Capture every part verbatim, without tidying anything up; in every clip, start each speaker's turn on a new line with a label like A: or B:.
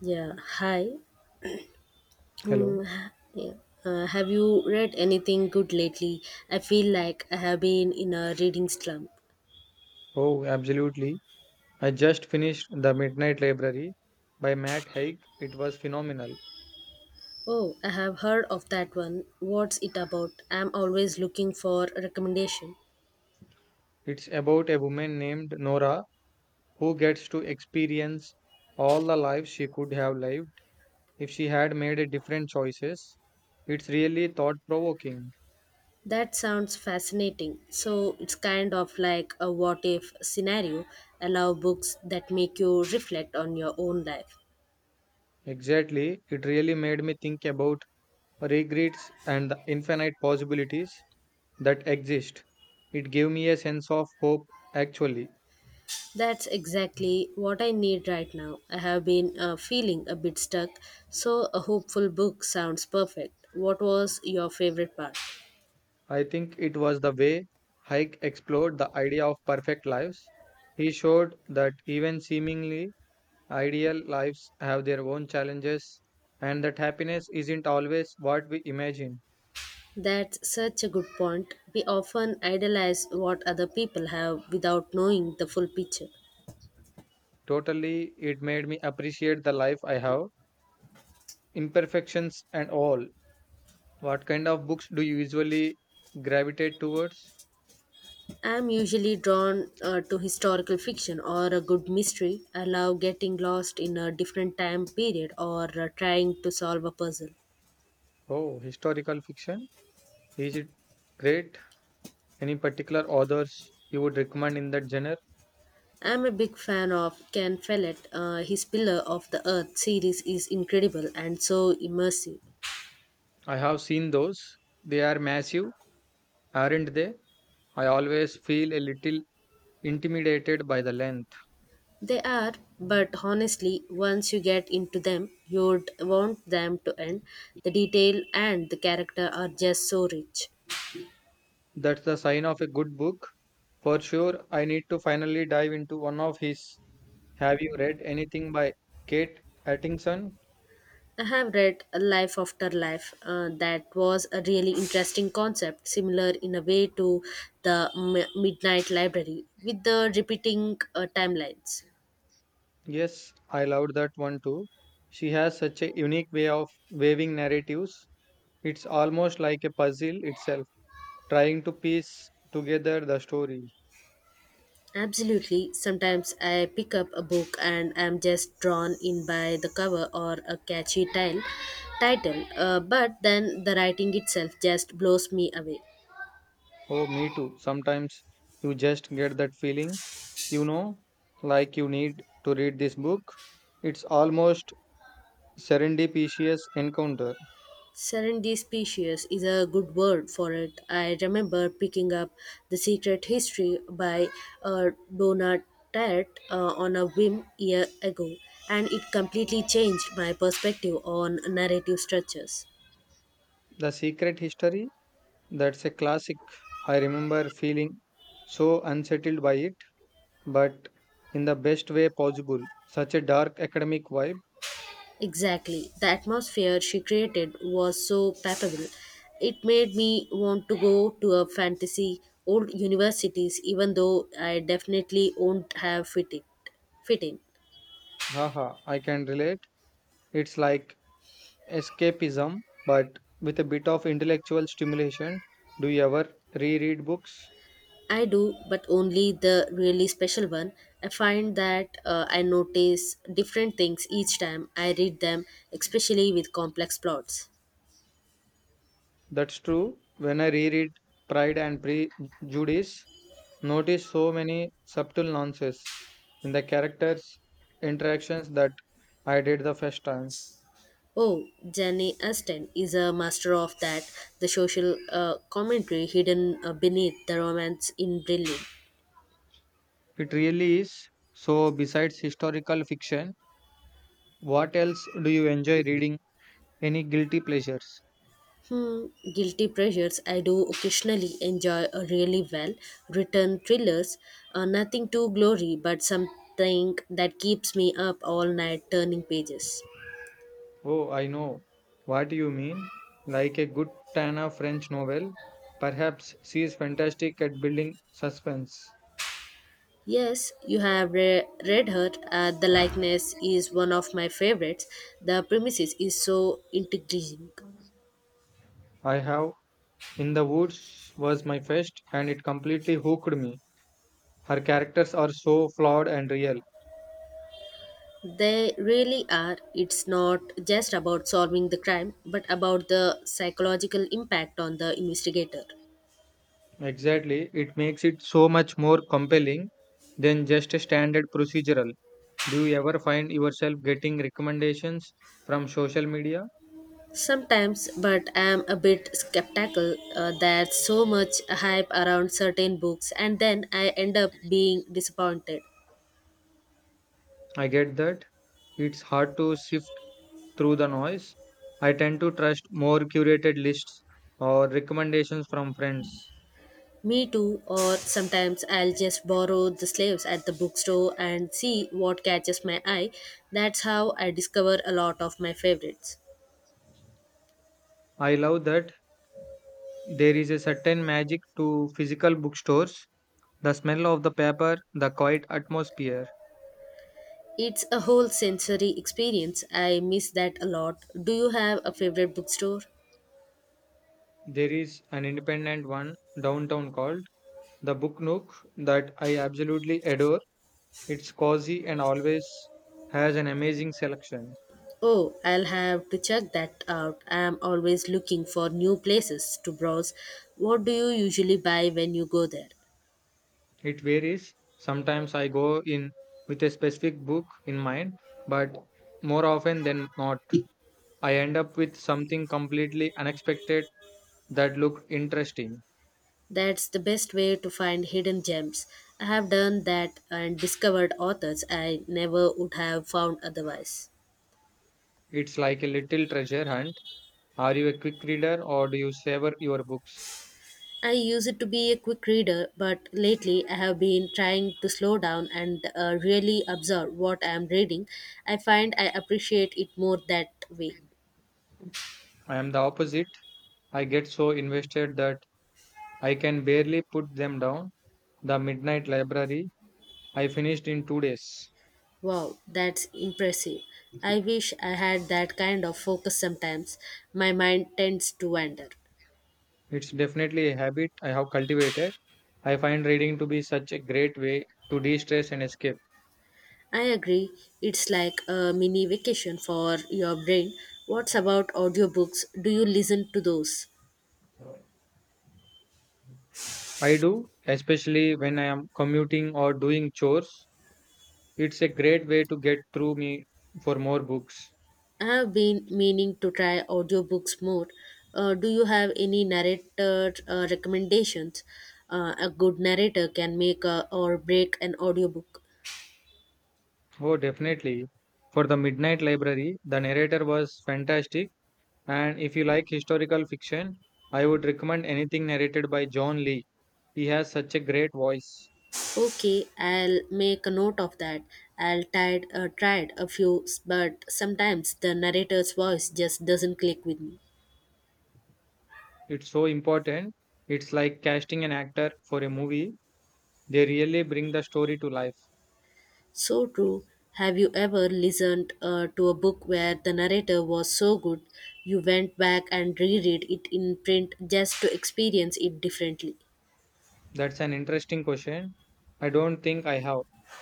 A: Yeah, hi. Mm,
B: Hello.
A: h- yeah. Uh, have you read anything good lately? I feel like I have been in a reading slump.
B: Oh, absolutely. I just finished The Midnight Library by Matt Haig. It was phenomenal.
A: Oh, I have heard of that one. What's it about? I'm always looking for a recommendation.
B: It's about a woman named Nora who gets to experience all the lives she could have lived if she had made a different choices. It's really thought provoking.
A: That sounds fascinating. So it's kind of like a what if scenario. I love books that make you reflect on your own life.
B: Exactly. It really made me think about regrets and the infinite possibilities that exist. It gave me a sense of hope, actually.
A: That's exactly what I need right now. I have been uh, feeling a bit stuck, so a hopeful book sounds perfect. What was your favorite part?
B: I think it was the way Hike explored the idea of perfect lives. He showed that even seemingly ideal lives have their own challenges and that happiness isn't always what we imagine.
A: That's such a good point. We often idolize what other people have without knowing the full picture.
B: Totally, it made me appreciate the life I have, imperfections and all. What kind of books do you usually gravitate towards?
A: I'm usually drawn uh, to historical fiction or a good mystery. I love getting lost in a different time period or uh, trying to solve a puzzle.
B: Oh, historical fiction? Is it great? Any particular authors you would recommend in that genre?
A: I'm a big fan of Ken Follett. Uh, his Pillar of the Earth series is incredible and so immersive.
B: I have seen those. They are massive, aren't they? I always feel a little intimidated by the length.
A: They are, but honestly, once you get into them, you'd want them to end. The detail and the character are just so rich.
B: That's the sign of a good book. For sure, I need to finally dive into one of his. Have you read anything by Kate Atkinson?
A: I have read A Life After Life, uh, that was a really interesting concept, similar in a way to the M- Midnight Library, with the repeating uh, timelines.
B: Yes, I loved that one too. She has such a unique way of weaving narratives. It's almost like a puzzle itself, trying to piece together the story.
A: Absolutely. Sometimes I pick up a book and I'm just drawn in by the cover or a catchy tile, title, uh, but then the writing itself just blows me away.
B: Oh, me too. Sometimes you just get that feeling, you know, like you need to read this book. It's almost serendipitous encounter.
A: Serendipitous is a good word for it. I remember picking up The Secret History by uh, Donna Tartt uh, on a whim year ago, and it completely changed my perspective on narrative structures.
B: The Secret History, that's a classic. I remember feeling so unsettled by it, but in the best way possible. Such a dark academic vibe.
A: Exactly. The atmosphere she created was so palpable. It made me want to go to a fantasy old universities, even though I definitely won't have fit it fit in.
B: Haha, I can relate. It's like escapism, but with a bit of intellectual stimulation. Do you ever reread books?
A: I do, but only the really special one. I find that uh, I notice different things each time I read them, especially with complex plots.
B: That's true. When I reread Pride and Prejudice, notice so many subtle nuances in the characters' interactions that I did the first time.
A: Oh, Jenny Aston is a master of that, the social uh, commentary hidden uh, beneath the romance in brilliant.
B: It really is. So, besides historical fiction, what else do you enjoy reading? Any guilty pleasures?
A: Hmm, guilty pleasures. I do occasionally enjoy a really well written thrillers. Uh, nothing too glory, but something that keeps me up all night turning pages.
B: Oh, I know what you mean. Like a good Tana French novel. Perhaps she is fantastic at building suspense.
A: Yes, you have re- read her. Uh, The likeness is one of my favorites. The premises is so intriguing.
B: I have. In the Woods was my first, and it completely hooked me. Her characters are so flawed and real.
A: They really are. It's not just about solving the crime, but about the psychological impact on the investigator.
B: Exactly, it makes it so much more compelling than just a standard procedural. Do you ever find yourself getting recommendations from social media?
A: Sometimes, but I am a bit skeptical uh, that so much hype around certain books and then I end up being disappointed.
B: I get that. It's hard to sift through the noise. I tend to trust more curated lists or recommendations from friends.
A: Me too, or sometimes I'll just borrow the slaves at the bookstore and see what catches my eye. That's how I discover a lot of my favorites.
B: I love that there is a certain magic to physical bookstores. The smell of the paper, the quiet atmosphere.
A: It's a whole sensory experience. I miss that a lot. Do you have a favorite bookstore?
B: There is an independent one downtown called the Book Nook that I absolutely adore. It's cozy and always has an amazing selection.
A: Oh, I'll have to check that out. I'm always looking for new places to browse. What do you usually buy when you go there?
B: It varies. Sometimes I go in with a specific book in mind, but more often than not, I end up with something completely unexpected that looked interesting.
A: That's the best way to find hidden gems. I have done that and discovered authors I never would have found otherwise.
B: It's like a little treasure hunt. Are you a quick reader or do you savor your books?
A: I used to be a quick reader, but lately I have been trying to slow down and uh, really absorb what I am reading. I find I appreciate it more that way.
B: I am the opposite. I get so invested that I can barely put them down. The Midnight Library I finished in two days.
A: Wow, that's impressive. I wish I had that kind of focus sometimes. My mind tends to wander.
B: It's definitely a habit I have cultivated. I find reading to be such a great way to de stress and escape.
A: I agree, it's like a mini vacation for your brain. What's about audiobooks? Do you listen to those?
B: I do, especially when I am commuting or doing chores. It's a great way to get through me for more books.
A: I have been meaning to try audiobooks more. Uh, do you have any narrator uh, recommendations? Uh, a good narrator can make a, or break an audiobook.
B: Oh, definitely. For the Midnight Library, the narrator was fantastic. And if you like historical fiction, I would recommend anything narrated by John Lee. He has such a great voice.
A: Okay, I'll make a note of that. I'll tried, uh, tried a few, but sometimes the narrator's voice just doesn't click with me.
B: It's so important. It's like casting an actor for a movie. They really bring the story to life.
A: So true. Have you ever listened uh, to a book where the narrator was so good you went back and reread it in print just to experience it differently?
B: That's an interesting question. I don't think I have,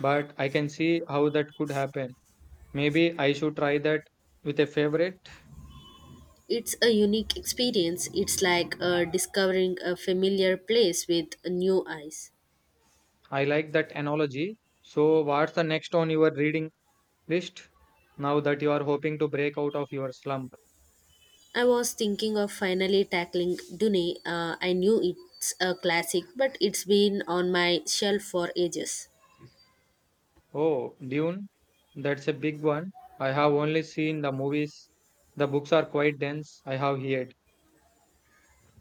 B: but I can see how that could happen. Maybe I should try that with a favorite.
A: It's a unique experience. It's like uh, discovering a familiar place with new eyes.
B: I like that analogy. So, what's the next on your reading list now that you are hoping to break out of your slump?
A: I was thinking of finally tackling Dune. Uh, I knew it's a classic, but it's been on my shelf for ages.
B: Oh, Dune, that's a big one. I have only seen the movies. The books are quite dense, I have heard.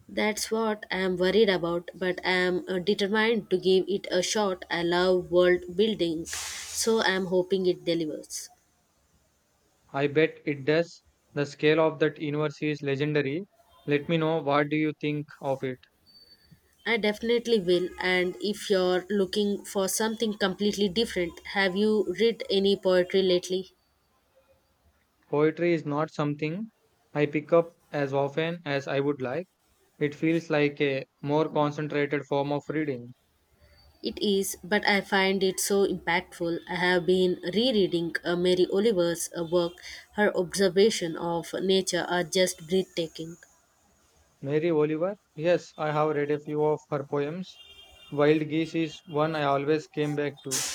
A: That's what I'm worried about, but I'm uh, determined to give it a shot. I love world building, so I'm hoping it delivers.
B: I bet it does. The scale of that universe is legendary. Let me know what do you think of it.
A: I definitely will, and if you're looking for something completely different, have you read any poetry lately?
B: Poetry is not something I pick up as often as I would like. It feels like a more concentrated form of reading.
A: It is, but I find it so impactful. I have been rereading uh, Mary Oliver's uh, work. Her observation of nature are just breathtaking.
B: Mary Oliver? Yes, I have read a few of her poems. Wild Geese is one I always came back to.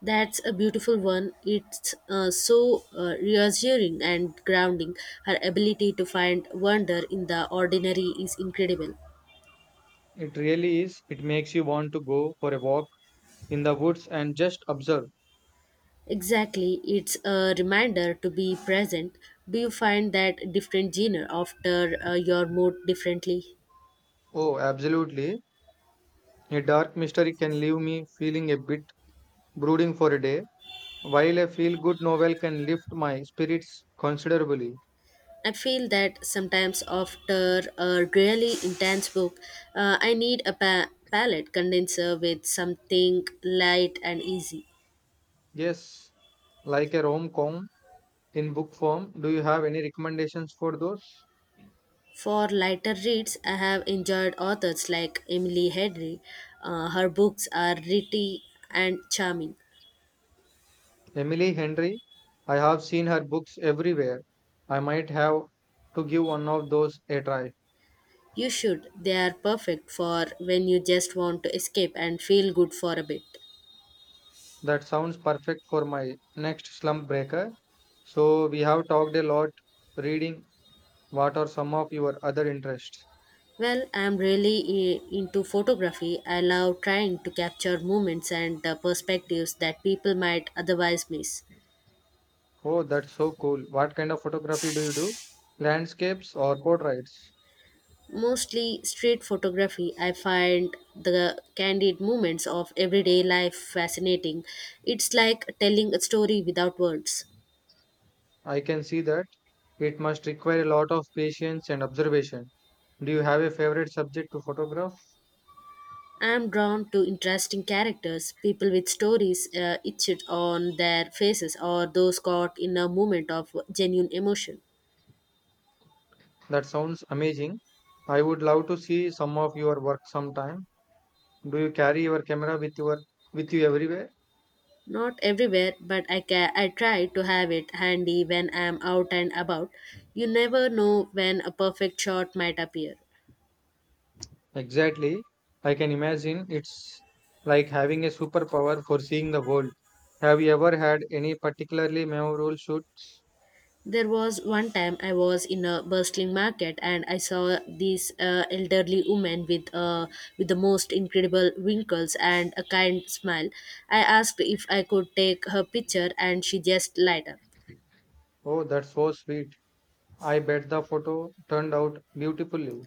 A: That's a beautiful one. It's uh, so uh, reassuring and grounding. Her ability to find wonder in the ordinary is incredible.
B: It really is. It makes you want to go for a walk in the woods and just observe.
A: Exactly, it's a reminder to be present. Do you find that different genre after uh, your mood differently?
B: Oh, absolutely. A dark mystery can leave me feeling a bit brooding for a day, while a feel good novel can lift my spirits considerably.
A: I feel that sometimes after a really intense book, uh, I need a pa- palette condenser with something light and easy.
B: Yes, like a rom com in book form. Do you have any recommendations for those?
A: For lighter reads, I have enjoyed authors like Emily Henry. Uh, her books are witty and charming.
B: Emily Henry, I have seen her books everywhere. I might have to give one of those a try.
A: You should. They are perfect for when you just want to escape and feel good for a bit.
B: That sounds perfect for my next slump breaker. So, we have talked a lot reading. What are some of your other interests?
A: Well, I'm really i- into photography. I love trying to capture moments and the perspectives that people might otherwise miss.
B: Oh, that's so cool. What kind of photography do you do? Landscapes or portraits?
A: Mostly street photography, I find the candid moments of everyday life fascinating. It's like telling a story without words.
B: I can see that. It must require a lot of patience and observation. Do you have a favorite subject to photograph?
A: I'm drawn to interesting characters, people with stories uh, etched on their faces, or those caught in a moment of genuine emotion.
B: That sounds amazing. I would love to see some of your work sometime. Do you carry your camera with your with you everywhere?
A: Not everywhere, but I ca- I try to have it handy when I'm out and about. You never know when a perfect shot might appear.
B: Exactly. I can imagine it's like having a superpower for seeing the world. Have you ever had any particularly memorable shoot?
A: There was one time I was in a bustling market and I saw this uh, elderly woman with uh, with the most incredible wrinkles and a kind smile. I asked if I could take her picture and she just lighted up.
B: Oh, that's so sweet. I bet the photo turned out beautifully.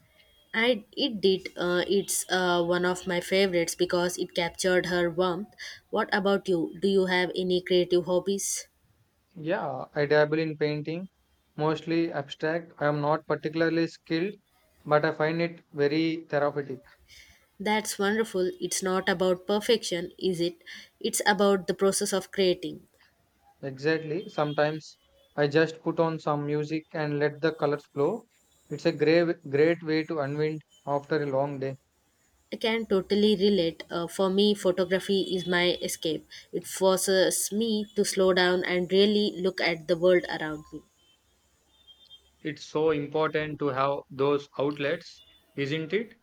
A: I it did. Uh, it's uh, one of my favorites because it captured her warmth. What about you? Do you have any creative hobbies?
B: Yeah, I dabble in painting, mostly abstract. I am not particularly skilled, but I find it very therapeutic.
A: That's wonderful. It's not about perfection, is it? It's about the process of creating.
B: Exactly. Sometimes I just put on some music and let the colors flow. It's a great great way to unwind after a long day.
A: I can totally relate. Uh, for me, photography is my escape. It forces me to slow down and really look at the world around me.
B: It's so important to have those outlets, isn't it?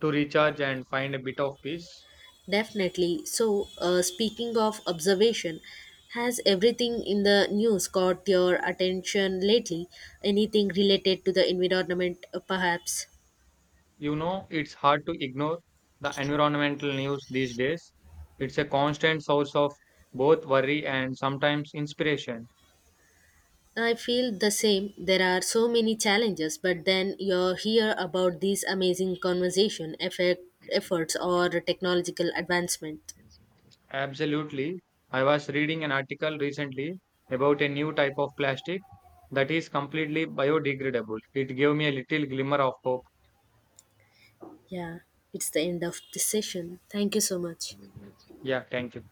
B: To recharge and find a bit of peace.
A: Definitely. So, uh, speaking of observation, has everything in the news caught your attention lately? Anything related to the environment, uh, perhaps?
B: You know, it's hard to ignore the environmental news these days. It's a constant source of both worry and sometimes inspiration.
A: I feel the same. There are so many challenges, but then you hear about these amazing conversation effect, efforts or technological advancement.
B: Absolutely. I was reading an article recently about a new type of plastic that is completely biodegradable. It gave me a little glimmer of hope.
A: Yeah, it's the end of this session. Thank you so much.
B: Yeah, thank you.